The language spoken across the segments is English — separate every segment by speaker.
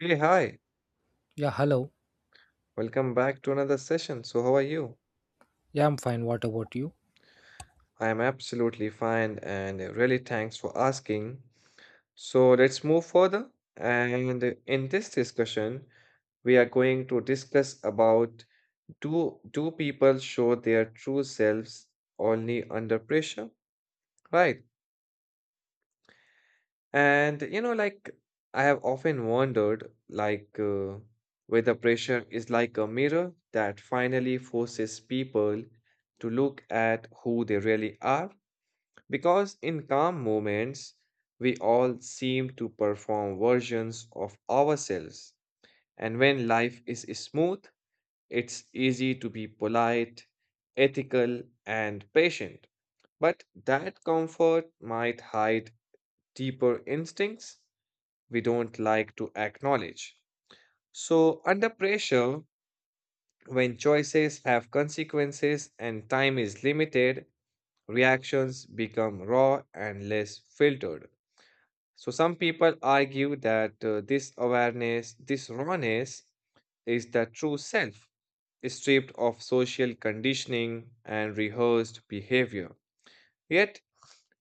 Speaker 1: Hey, hi.
Speaker 2: Yeah, hello.
Speaker 1: Welcome back to another session. So, how are you?
Speaker 2: Yeah, I'm fine. What about you?
Speaker 1: I am absolutely fine and really thanks for asking. So, let's move further. And in this discussion, we are going to discuss about do people show their true selves only under pressure? Right. Like, I have often wondered, whether pressure is like a mirror that finally forces people to look at who they really are. Because in calm moments, we all seem to perform versions of ourselves. And when life is smooth, it's easy to be polite, ethical, and patient. But that comfort might hide deeper instincts we don't like to acknowledge. So, under pressure, when choices have consequences and time is limited, reactions become raw and less filtered. So, some people argue that this awareness, this rawness, is the true self, stripped of social conditioning and rehearsed behavior. Yet,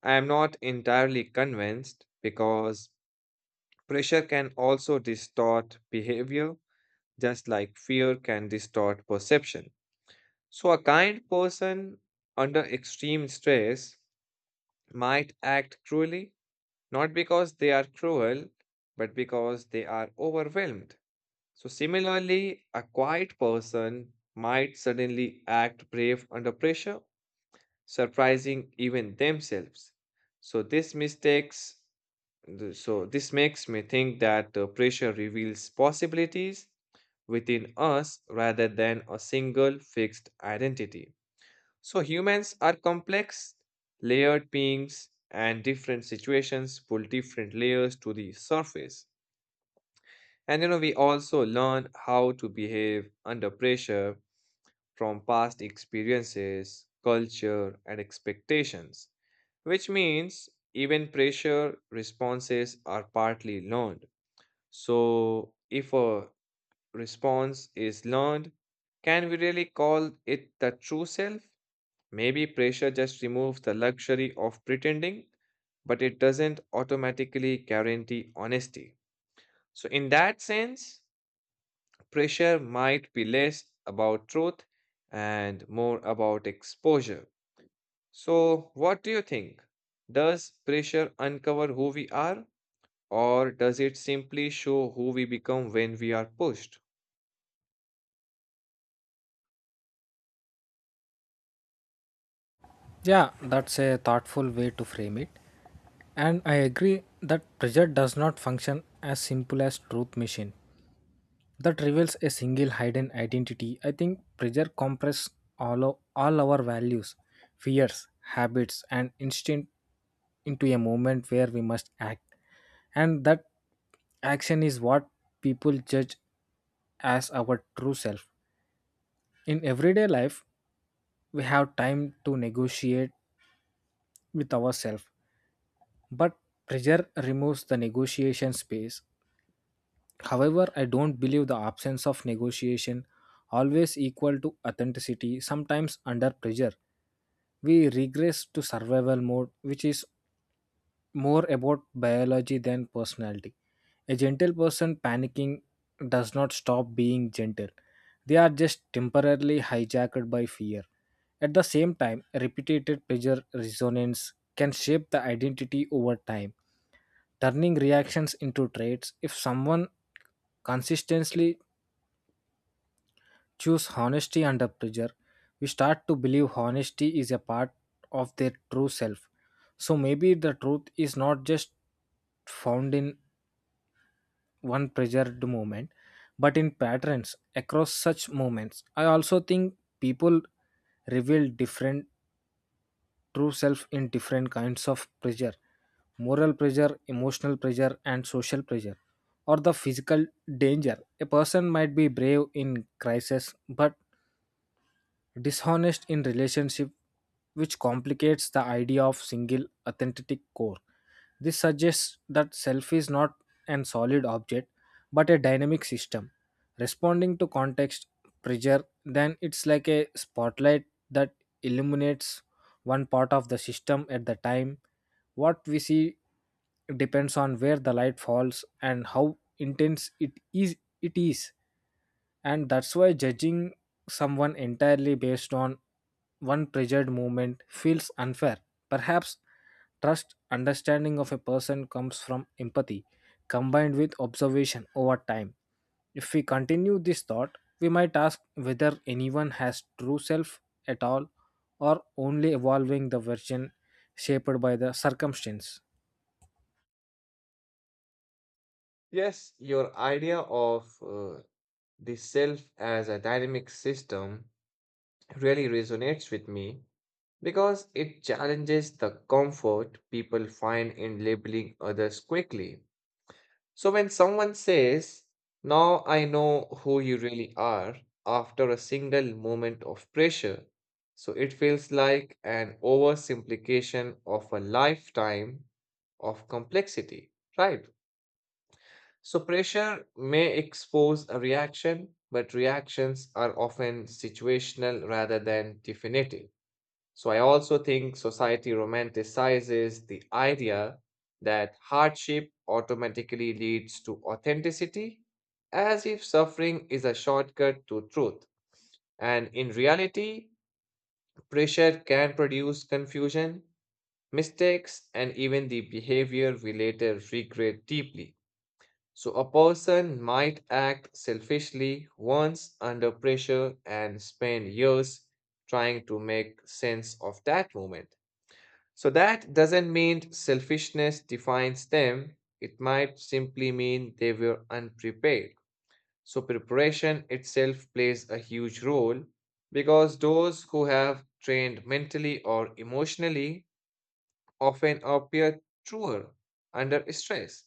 Speaker 1: I am not entirely convinced because pressure can also distort behavior just like fear can distort perception. So, a kind person under extreme stress might act cruelly, not because they are cruel, but because they are overwhelmed. So, similarly, a quiet person might suddenly act brave under pressure, surprising even themselves. So, these mistakes So, this makes me think that the pressure reveals possibilities within us rather than a single fixed identity. So, humans are complex, layered beings, and different situations pull different layers to the surface. And you know, we also learn how to behave under pressure from past experiences, culture, and expectations, which means even pressure responses are partly learned. So, if a response is learned, can we really call it the true self? Maybe pressure just removes the luxury of pretending, but it doesn't automatically guarantee honesty. So, in that sense, pressure might be less about truth and more about exposure. So, what do you think? Does pressure uncover who we are, or does it simply show who we become when we are pushed?
Speaker 2: Yeah, that's a thoughtful way to frame it. And I agree that pressure does not function as simple as truth machine that reveals a single hidden identity. I think pressure compresses all our values, fears, habits, and instinct into a moment where we must act, and that action is what people judge as our true self. In everyday life, we have time to negotiate with ourselves, but pressure removes the negotiation space. However, I don't believe the absence of negotiation always equal to authenticity. Sometimes under pressure, we regress to survival mode, which is more about biology than personality. A gentle person panicking does not stop being gentle. They are just temporarily hijacked by fear. At the same time, repeated pressure resonance can shape the identity over time, turning reactions into traits. If someone consistently choose honesty under pressure, we start to believe honesty is a part of their true self. So maybe the truth is not just found in one pressured movement, but in patterns across such movements. I also think people reveal different true self in different kinds of pressure, moral pressure, emotional pressure, and social pressure, or the physical danger. A person might be brave in crisis but dishonest in relationship, which complicates the idea of single authentic core. This suggests that self is not an solid object but a dynamic system responding to context. Pressure then it's like a spotlight that illuminates one part of the system at the time. What we see depends on where the light falls and how intense it is. And that's why judging someone entirely based on one pressured movement feels unfair. Perhaps trust understanding of a person comes from empathy combined with observation over time. If we continue this thought, we might ask whether anyone has true self at all, or only evolving the version shaped by the circumstance.
Speaker 1: Yes, your idea of the self as a dynamic system really resonates with me because it challenges the comfort people find in labeling others quickly. So when someone says, "Now I know who you really are," after a single moment of pressure, so it feels like an oversimplification of a lifetime of complexity, right? So pressure may expose a reaction, but reactions are often situational rather than definitive. So I also think society romanticizes the idea that hardship automatically leads to authenticity, as if suffering is a shortcut to truth. And in reality, pressure can produce confusion, mistakes, and even the behavior we later regret deeply. So, a person might act selfishly once under pressure and spend years trying to make sense of that moment. So, that doesn't mean selfishness defines them, it might simply mean they were unprepared. So, preparation itself plays a huge role because those who have trained mentally or emotionally often appear truer under stress.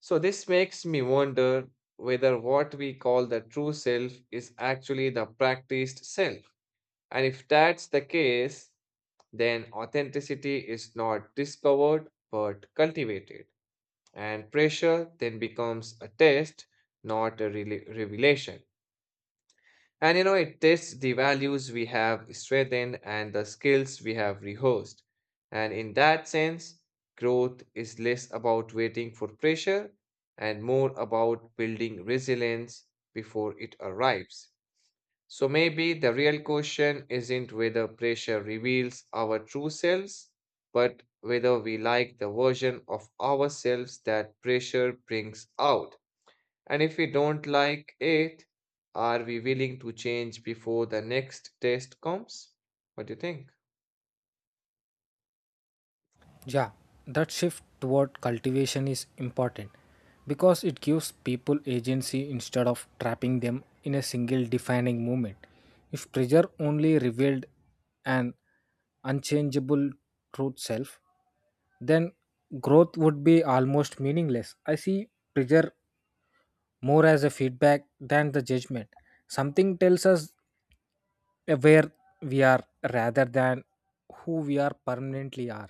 Speaker 1: So, this makes me wonder whether what we call the true self is actually the practiced self. And if that's the case, then authenticity is not discovered but cultivated. And pressure then becomes a test, not a revelation. And you know, it tests the values we have strengthened and the skills we have rehearsed. And in that sense, growth is less about waiting for pressure and more about building resilience before it arrives. So maybe the real question isn't whether pressure reveals our true selves, but whether we like the version of ourselves that pressure brings out. And if we don't like it, are we willing to change before the next test comes? What do you think?
Speaker 2: Yeah, that shift toward cultivation is important because it gives people agency instead of trapping them in a single defining moment. If pressure only revealed an unchangeable truth self, then growth would be almost meaningless. I see pressure more as a feedback than the judgment. Something tells us where we are rather than who we are permanently are.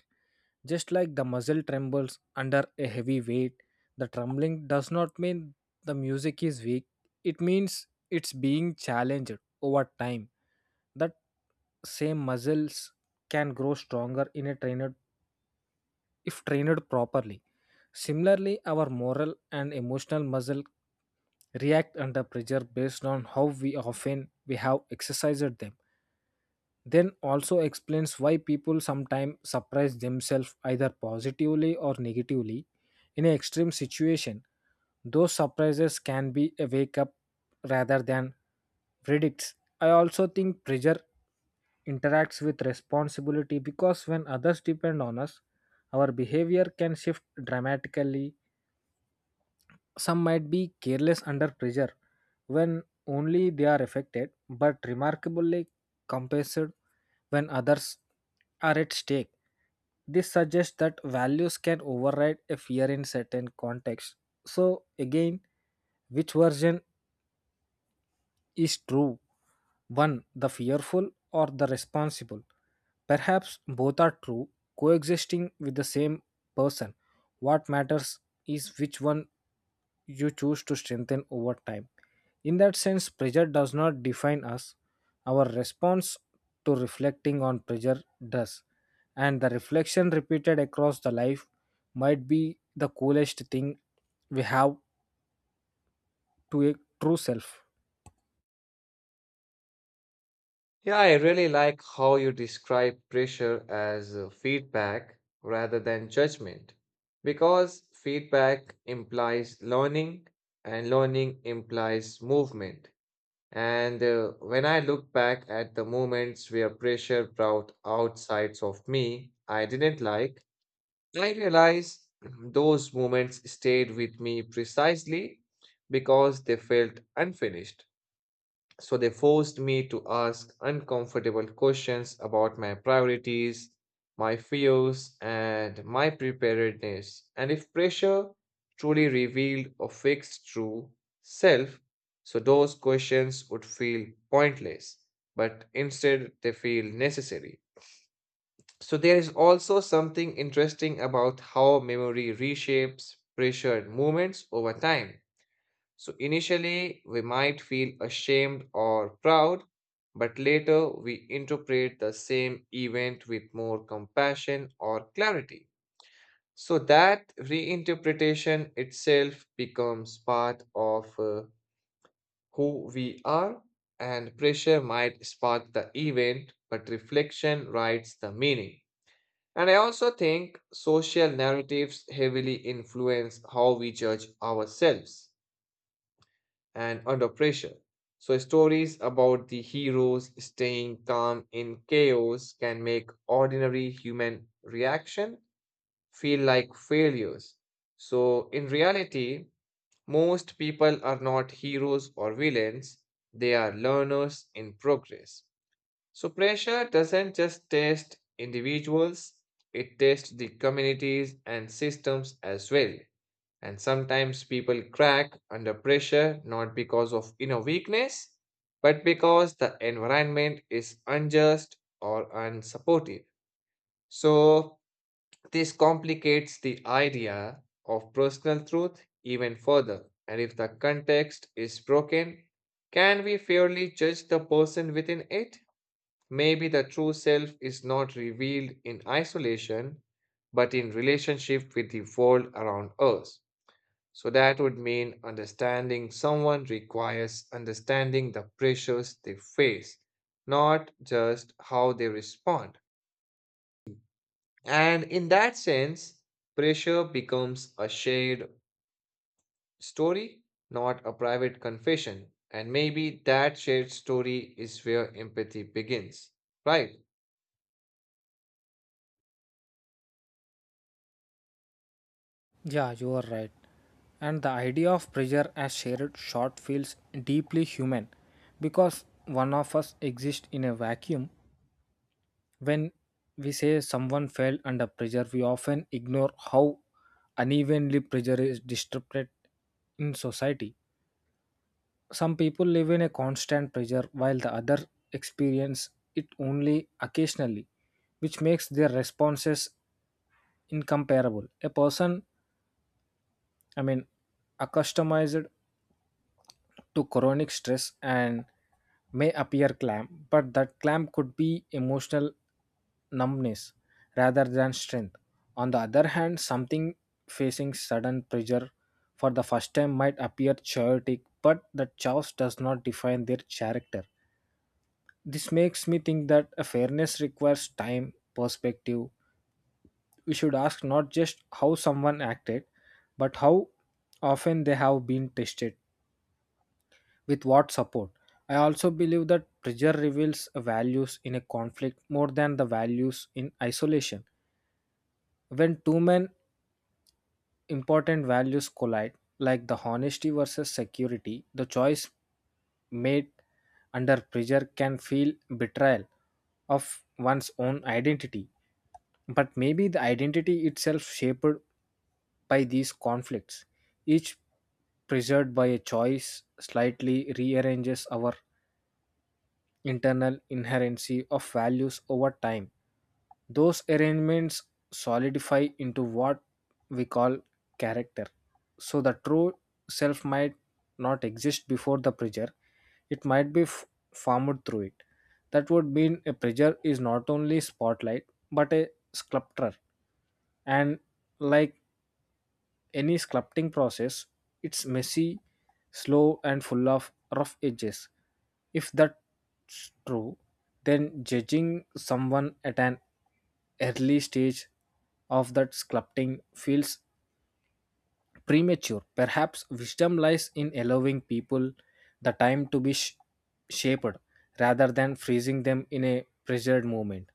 Speaker 2: Just like the muzzle trembles under a heavy weight, the trembling does not mean the music is weak. It means it's being challenged over time. That same muscles can grow stronger in a trained if trained properly. Similarly, our moral and emotional muscle react under pressure based on how we often we have exercised them, then also explains why people sometimes surprise themselves either positively or negatively in an extreme situation. Those surprises can be a wake up rather than verdicts. I also think pressure interacts with responsibility because when others depend on us, our behavior can shift dramatically. Some might be careless under pressure when only they are affected, but remarkably compensated when others are at stake. This suggests that values can override a fear in certain contexts. So, again, which version is true? One, the fearful or the responsible? Perhaps both are true, coexisting with the same person. What matters is which one you choose to strengthen over time. In that sense, pressure does not define us. Our response to reflecting on pressure does. And the reflection repeated across the life might be the coolest thing we have to a true self.
Speaker 1: Yeah, I really like how you describe pressure as feedback rather than judgment because feedback implies learning and learning implies movement. And when I look back at the moments where pressure brought outsides of me I didn't like, I realize those moments stayed with me precisely because they felt unfinished. So they forced me to ask uncomfortable questions about my priorities, my fears, and my preparedness. And if pressure truly revealed a fixed true self, so those questions would feel pointless, but instead they feel necessary. So there is also something interesting about how memory reshapes pressured moments over time. So initially, we might feel ashamed or proud, but later we interpret the same event with more compassion or clarity. So that reinterpretation itself becomes part of who we are, and pressure might spark the event, but reflection writes the meaning. And I also think social narratives heavily influence how we judge ourselves and under pressure. So, stories about the heroes staying calm in chaos can make ordinary human reaction feel like failures. So, in reality, most people are not heroes or villains, they are learners in progress. So pressure doesn't just test individuals, it tests the communities and systems as well. And sometimes people crack under pressure not because of inner weakness, but because the environment is unjust or unsupportive. So this complicates the idea of personal truth even further. And if the context is broken, can we fairly judge the person within it? Maybe the true self is not revealed in isolation, but in relationship with the world around us. So that would mean understanding someone requires understanding the pressures they face, not just how they respond. And in that sense, pressure becomes a shared story, not a private confession. And maybe that shared story is where empathy begins, right?
Speaker 2: Yeah, you are right. And the idea of pressure as shared shot feels deeply human because one of us exists in a vacuum. When we say someone fell under pressure, we often ignore how unevenly pressure is distributed in society. Some people live in a constant pressure while the other experience it only occasionally, which makes their responses incomparable. A person, I mean, accustomed to chronic stress and may appear clam, but that clam could be emotional numbness rather than strength. On the other hand, something facing sudden pressure for the first time might appear chaotic, but the chaos does not define their character. This makes me think that a fairness requires time, perspective. We should ask not just how someone acted, but how often they have been tested with what support. I also believe that pressure reveals values in a conflict more than the values in isolation. When two men important values collide, like the honesty versus security, the choice made under pressure can feel betrayal of one's own identity. But maybe the identity itself shaped by these conflicts, each preserved by a choice, slightly rearranges our internal inherency of values over time. Those arrangements solidify into what we call character. So the true self might not exist before the pressure, it might be formed through it. That would mean a pressure is not only spotlight but a sculptor. And like any sculpting process, it's messy, slow, and full of rough edges. If that's true, then judging someone at an early stage of that sculpting feels premature. Perhaps wisdom lies in allowing people the time to be shaped rather than freezing them in a pressured moment.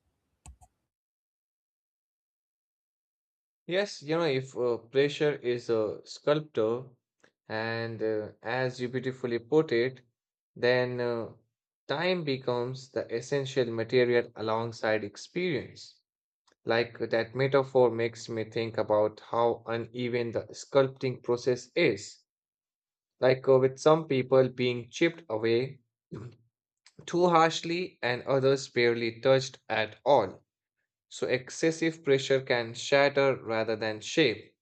Speaker 1: Yes, you know, if pressure is a sculptor, and as you beautifully put it, then time becomes the essential material alongside experience. Like, that metaphor makes me think about how uneven the sculpting process is. Like, with some people being chipped away too harshly and others barely touched at all. So excessive pressure can shatter rather than shape.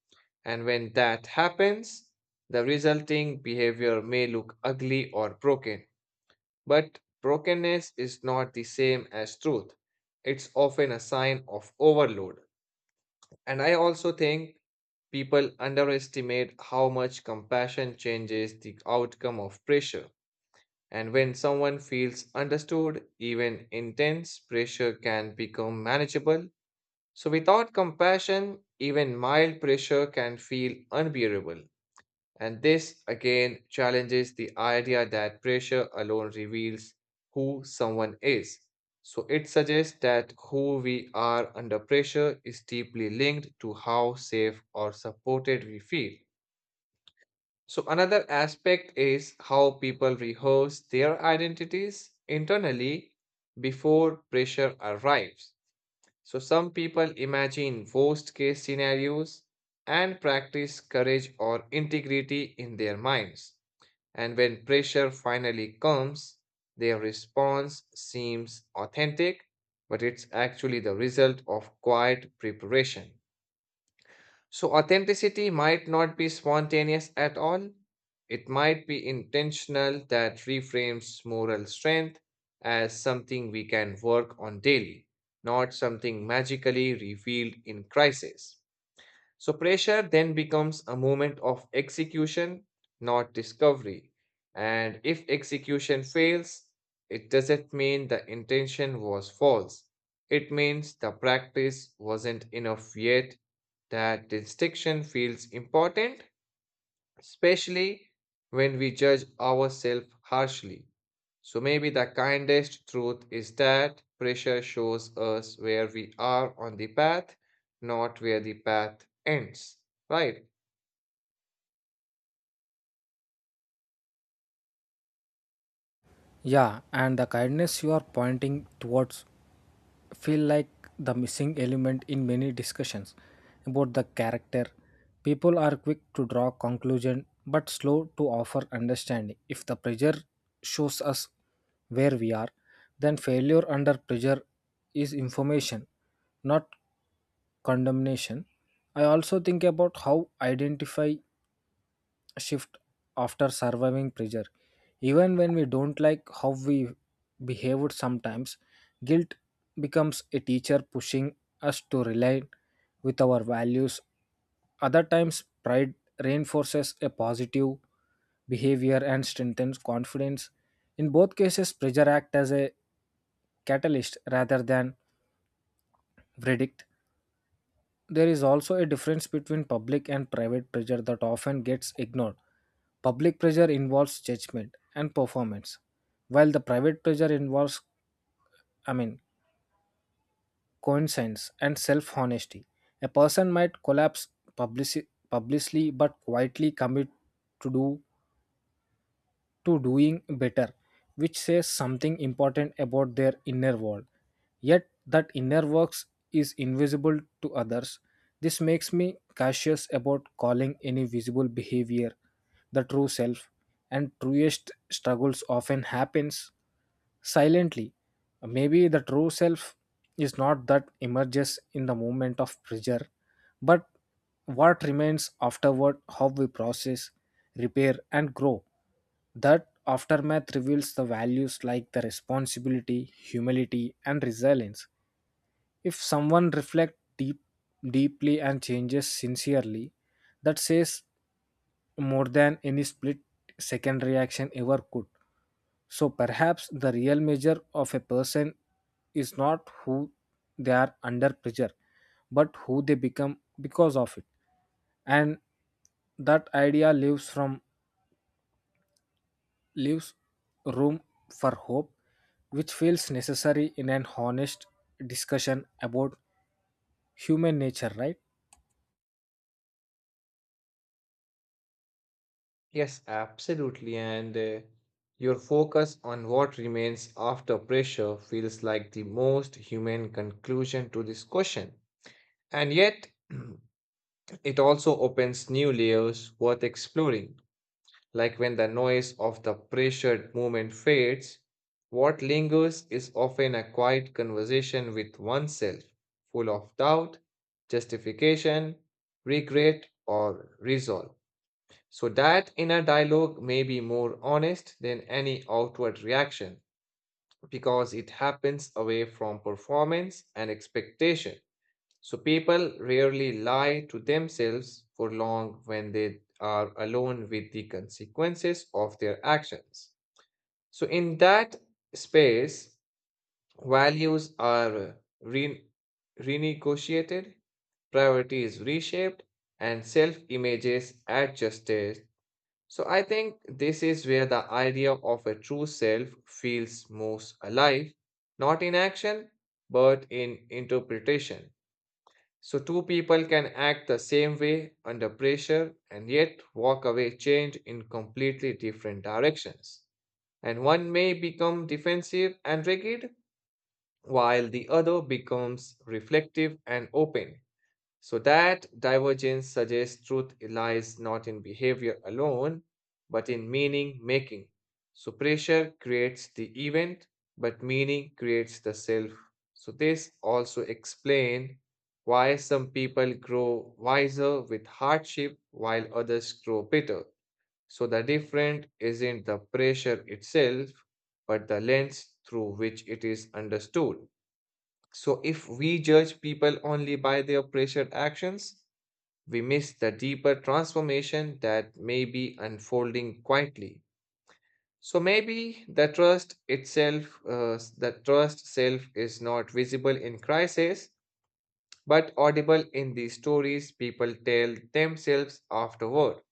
Speaker 1: And when that happens, the resulting behavior may look ugly or broken. But brokenness is not the same as truth. It's often a sign of overload. And I also think people underestimate how much compassion changes the outcome of pressure. And when someone feels understood, even intense pressure can become manageable so, without compassion, even mild pressure can feel unbearable. And this again challenges the idea that pressure alone reveals who someone is. So, it suggests that who we are under pressure is deeply linked to how safe or supported we feel. So, another aspect is how people rehearse their identities internally before pressure arrives. So some people imagine worst case scenarios and practice courage or integrity in their minds. And when pressure finally comes, their response seems authentic, but it's actually the result of quiet preparation. So, authenticity might not be spontaneous at all. It might be intentional that reframes moral strength as something we can work on daily, not something magically revealed in crisis. So, pressure then becomes a moment of execution, not discovery. And if execution fails, it doesn't mean the intention was false. It means the practice wasn't enough yet. That distinction feels important, especially when we judge ourselves harshly. So maybe the kindest truth is that pressure shows us where we are on the path, not where the path ends. Right?
Speaker 2: Yeah, and the kindness you are pointing towards feel like the missing element in many discussions about the character. People are quick to draw conclusion but slow to offer understanding. If the pressure shows us where we are, then failure under pressure is information, not condemnation. I also think about how identify shift after surviving pressure. Even when we don't like how we behaved sometimes, guilt becomes a teacher pushing us to align with our values. Other times, pride reinforces a positive behavior and strengthens confidence. In both cases, pressure acts as a catalyst rather than verdict. There is also a difference between public and private pressure that often gets ignored. Public pressure involves judgment and performance, while the private pressure involves, I mean, coincidence and self honesty. A person might collapse publicly but quietly commit to do to doing better, which says something important about their inner world. Yet, that inner works is invisible to others. This makes me cautious about calling any visible behavior the true self, and truest struggles often happens silently. Maybe the true self is not that emerges in the moment of pressure but what remains afterward, how we process, repair, and grow. That aftermath reveals the values like the responsibility, humility, and resilience. If someone reflects deeply and changes sincerely, that says more than any split second reaction ever could. So perhaps the real measure of a person is not who they are under pressure, but who they become because of it. And that idea leaves room for hope, which feels necessary in an honest discussion about human nature, right?
Speaker 1: Yes, absolutely. And your focus on what remains after pressure feels like the most human conclusion to this question. And yet, it also opens new layers worth exploring. Like when the noise of the pressured movement fades, what lingers is often a quiet conversation with oneself, full of doubt, justification, regret, or resolve. So that inner dialogue may be more honest than any outward reaction because it happens away from performance and expectation. So people rarely lie to themselves for long when they are alone with the consequences of their actions. So in that space, values are re- renegotiated, priorities reshaped, and self-images adjusted. So I think this is where the idea of a true self feels most alive, not in action, but in interpretation. So, two people can act the same way under pressure and yet walk away changed in completely different directions. And one may become defensive and rigid, while the other becomes reflective and open. So that divergence suggests truth lies not in behavior alone, but in meaning making. So pressure creates the event, but meaning creates the self. So this also explains why some people grow wiser with hardship while others grow bitter. So the difference isn't the pressure itself, but the lens through which it is understood. So if we judge people only by their pressured actions, we miss the deeper transformation that may be unfolding quietly. So maybe the trust itself, the trust self is not visible in crisis, but audible in the stories people tell themselves afterward.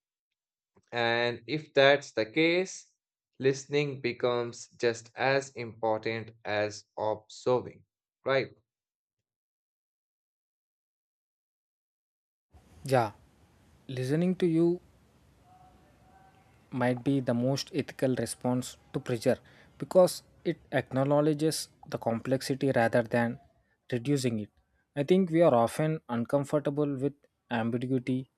Speaker 1: And if that's the case, listening becomes just as important as observing, right?
Speaker 2: Yeah, listening to you might be the most ethical response to pressure because it acknowledges the complexity rather than reducing it. I think we are often uncomfortable with ambiguity,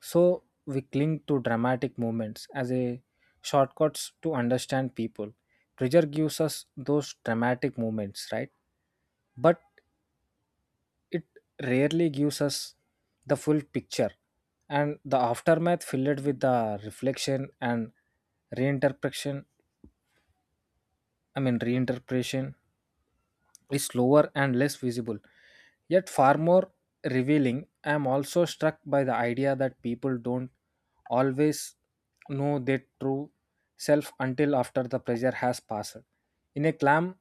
Speaker 2: so we cling to dramatic moments as a shortcuts to understand people. Pressure gives us those dramatic moments, right? But it rarely gives us the full picture, and the aftermath filled with the reflection and reinterpretation reinterpretation is slower and less visible, yet far more revealing. I am also struck by the idea that people don't always know their true self until after the pressure has passed. In a calm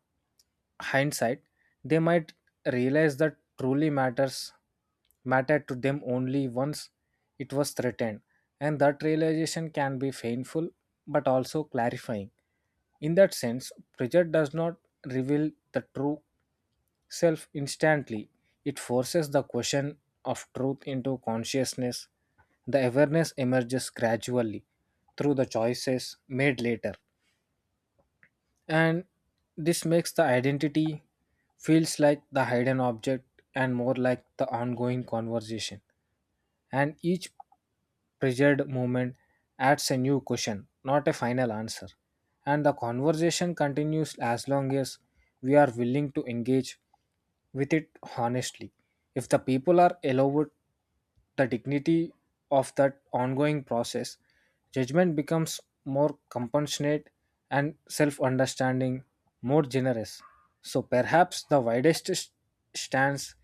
Speaker 2: hindsight, they might realize that truly matters mattered to them only once it was threatened, and that realization can be painful but also clarifying. In that sense, pressure does not reveal the true self instantly. It forces the question of truth into consciousness. The awareness emerges gradually through the choices made later. And this makes the identity feels like the hidden object and more like the ongoing conversation. And each pressured movement adds a new question, not a final answer. And the conversation continues as long as we are willing to engage with it honestly. If the people are allowed the dignity of that ongoing process, judgment becomes more compassionate and self understanding more generous. So perhaps the widest stance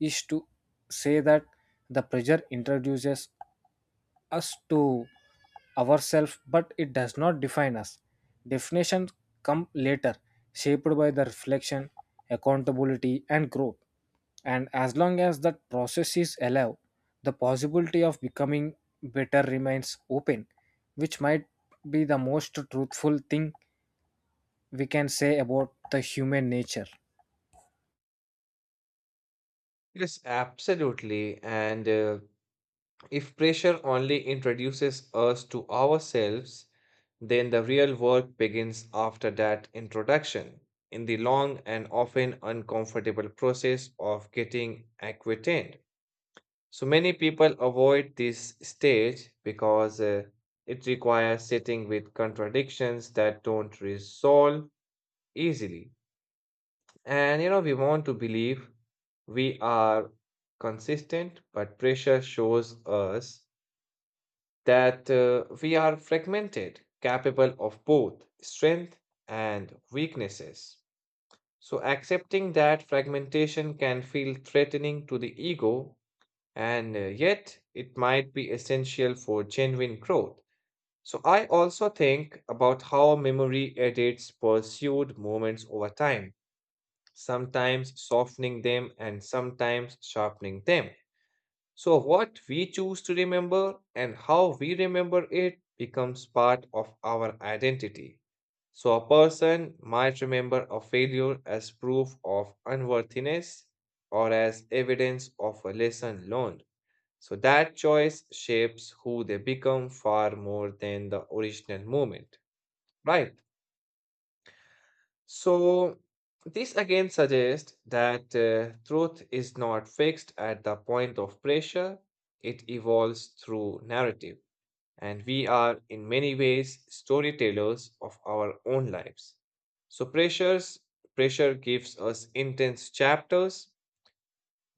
Speaker 2: is to say that the pressure introduces us to ourselves, but it does not define us. Definitions come later, shaped by the reflection, accountability, and growth. And as long as that process is alive, the possibility of becoming better remains open, which might be the most truthful thing we can say about the human nature.
Speaker 1: Yes, absolutely. And if pressure only introduces us to ourselves, then the real work begins after that introduction, in the long and often uncomfortable process of getting acquainted. So many people avoid this stage because it requires sitting with contradictions that don't resolve easily. And you know, we want to believe we are consistent, but pressure shows us that we are fragmented, capable of both strength and weaknesses. So, accepting that fragmentation can feel threatening to the ego, and yet it might be essential for genuine growth. So, I also think about how memory edits pursued moments over time, sometimes softening them and sometimes sharpening them. So, what we choose to remember and how we remember it becomes part of our identity. So, a person might remember a failure as proof of unworthiness or as evidence of a lesson learned. So, that choice shapes who they become far more than the original moment, right? So, this again suggests that truth is not fixed at the point of pressure, it evolves through narrative. And we are, in many ways, storytellers of our own lives. So, pressure gives us intense chapters,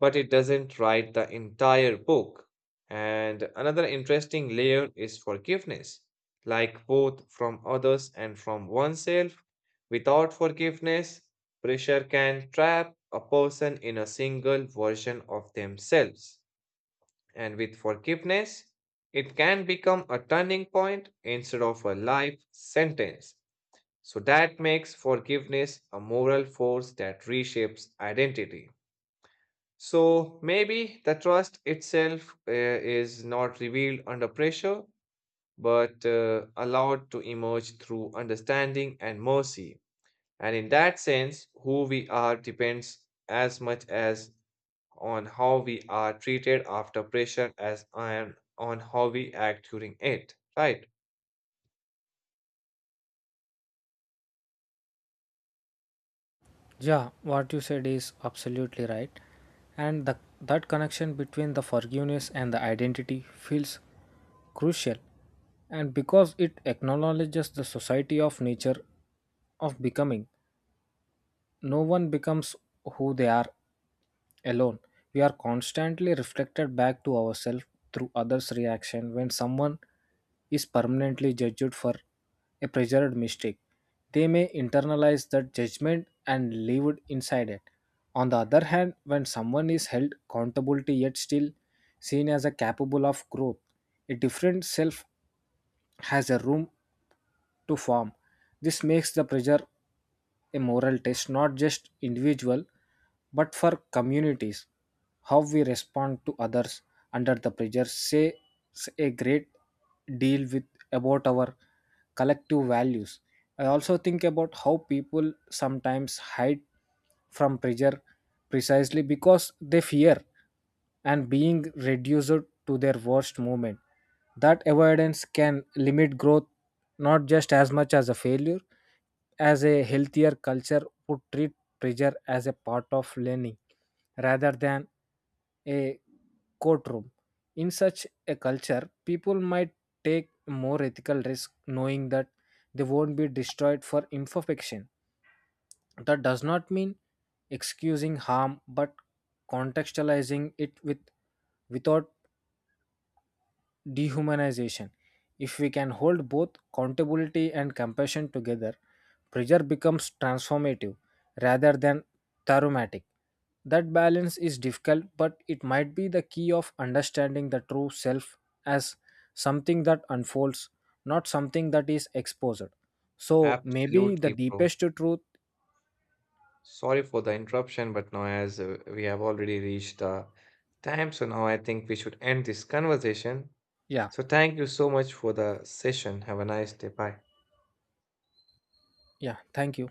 Speaker 1: but it doesn't write the entire book. And another interesting layer is forgiveness, like both from others and from oneself. Without forgiveness, pressure can trap a person in a single version of themselves. And with forgiveness, it can become a turning point instead of a life sentence. So that makes forgiveness a moral force that reshapes identity. So maybe the trust itself is not revealed under pressure, but allowed to emerge through understanding and mercy. And in that sense, who we are depends as much as on how we are treated after pressure as on how we act during it. Right?
Speaker 2: Yeah, what you said is absolutely right. And that connection between the forgiveness and the identity feels crucial, and because it acknowledges the society of nature of becoming. No one becomes who they are alone. We are constantly reflected back to ourselves through others reaction. When someone is permanently judged for a preserved mistake, they may internalize that judgment and live it inside it. On the other hand, when someone is held accountability yet still seen as a capable of growth, a different self has a room to form. This makes the pressure a moral test, not just individual, but for communities. How we respond to others under the pressure says a great deal with about our collective values. I also think about how people sometimes hide from pressure precisely because they fear and being reduced to their worst moment. That avoidance can limit growth not just as much as a failure, as a healthier culture would treat pressure as a part of learning rather than a courtroom. In such a culture, people might take more ethical risk knowing that they won't be destroyed for imperfection. That does not mean excusing harm but contextualizing it without dehumanization. If we can hold both accountability and compassion together, pressure becomes transformative rather than traumatic. That balance is difficult, but it might be the key of understanding the true self as something that unfolds, not something that is exposed. So maybe the
Speaker 1: Absolutely, bro.
Speaker 2: deepest truth.
Speaker 1: Sorry for the interruption, but now as we have already reached the time, so now I think we should end this conversation.
Speaker 2: Yeah,
Speaker 1: So, thank you so much for the session. Have a nice day. Bye.
Speaker 2: yeah. Thank you.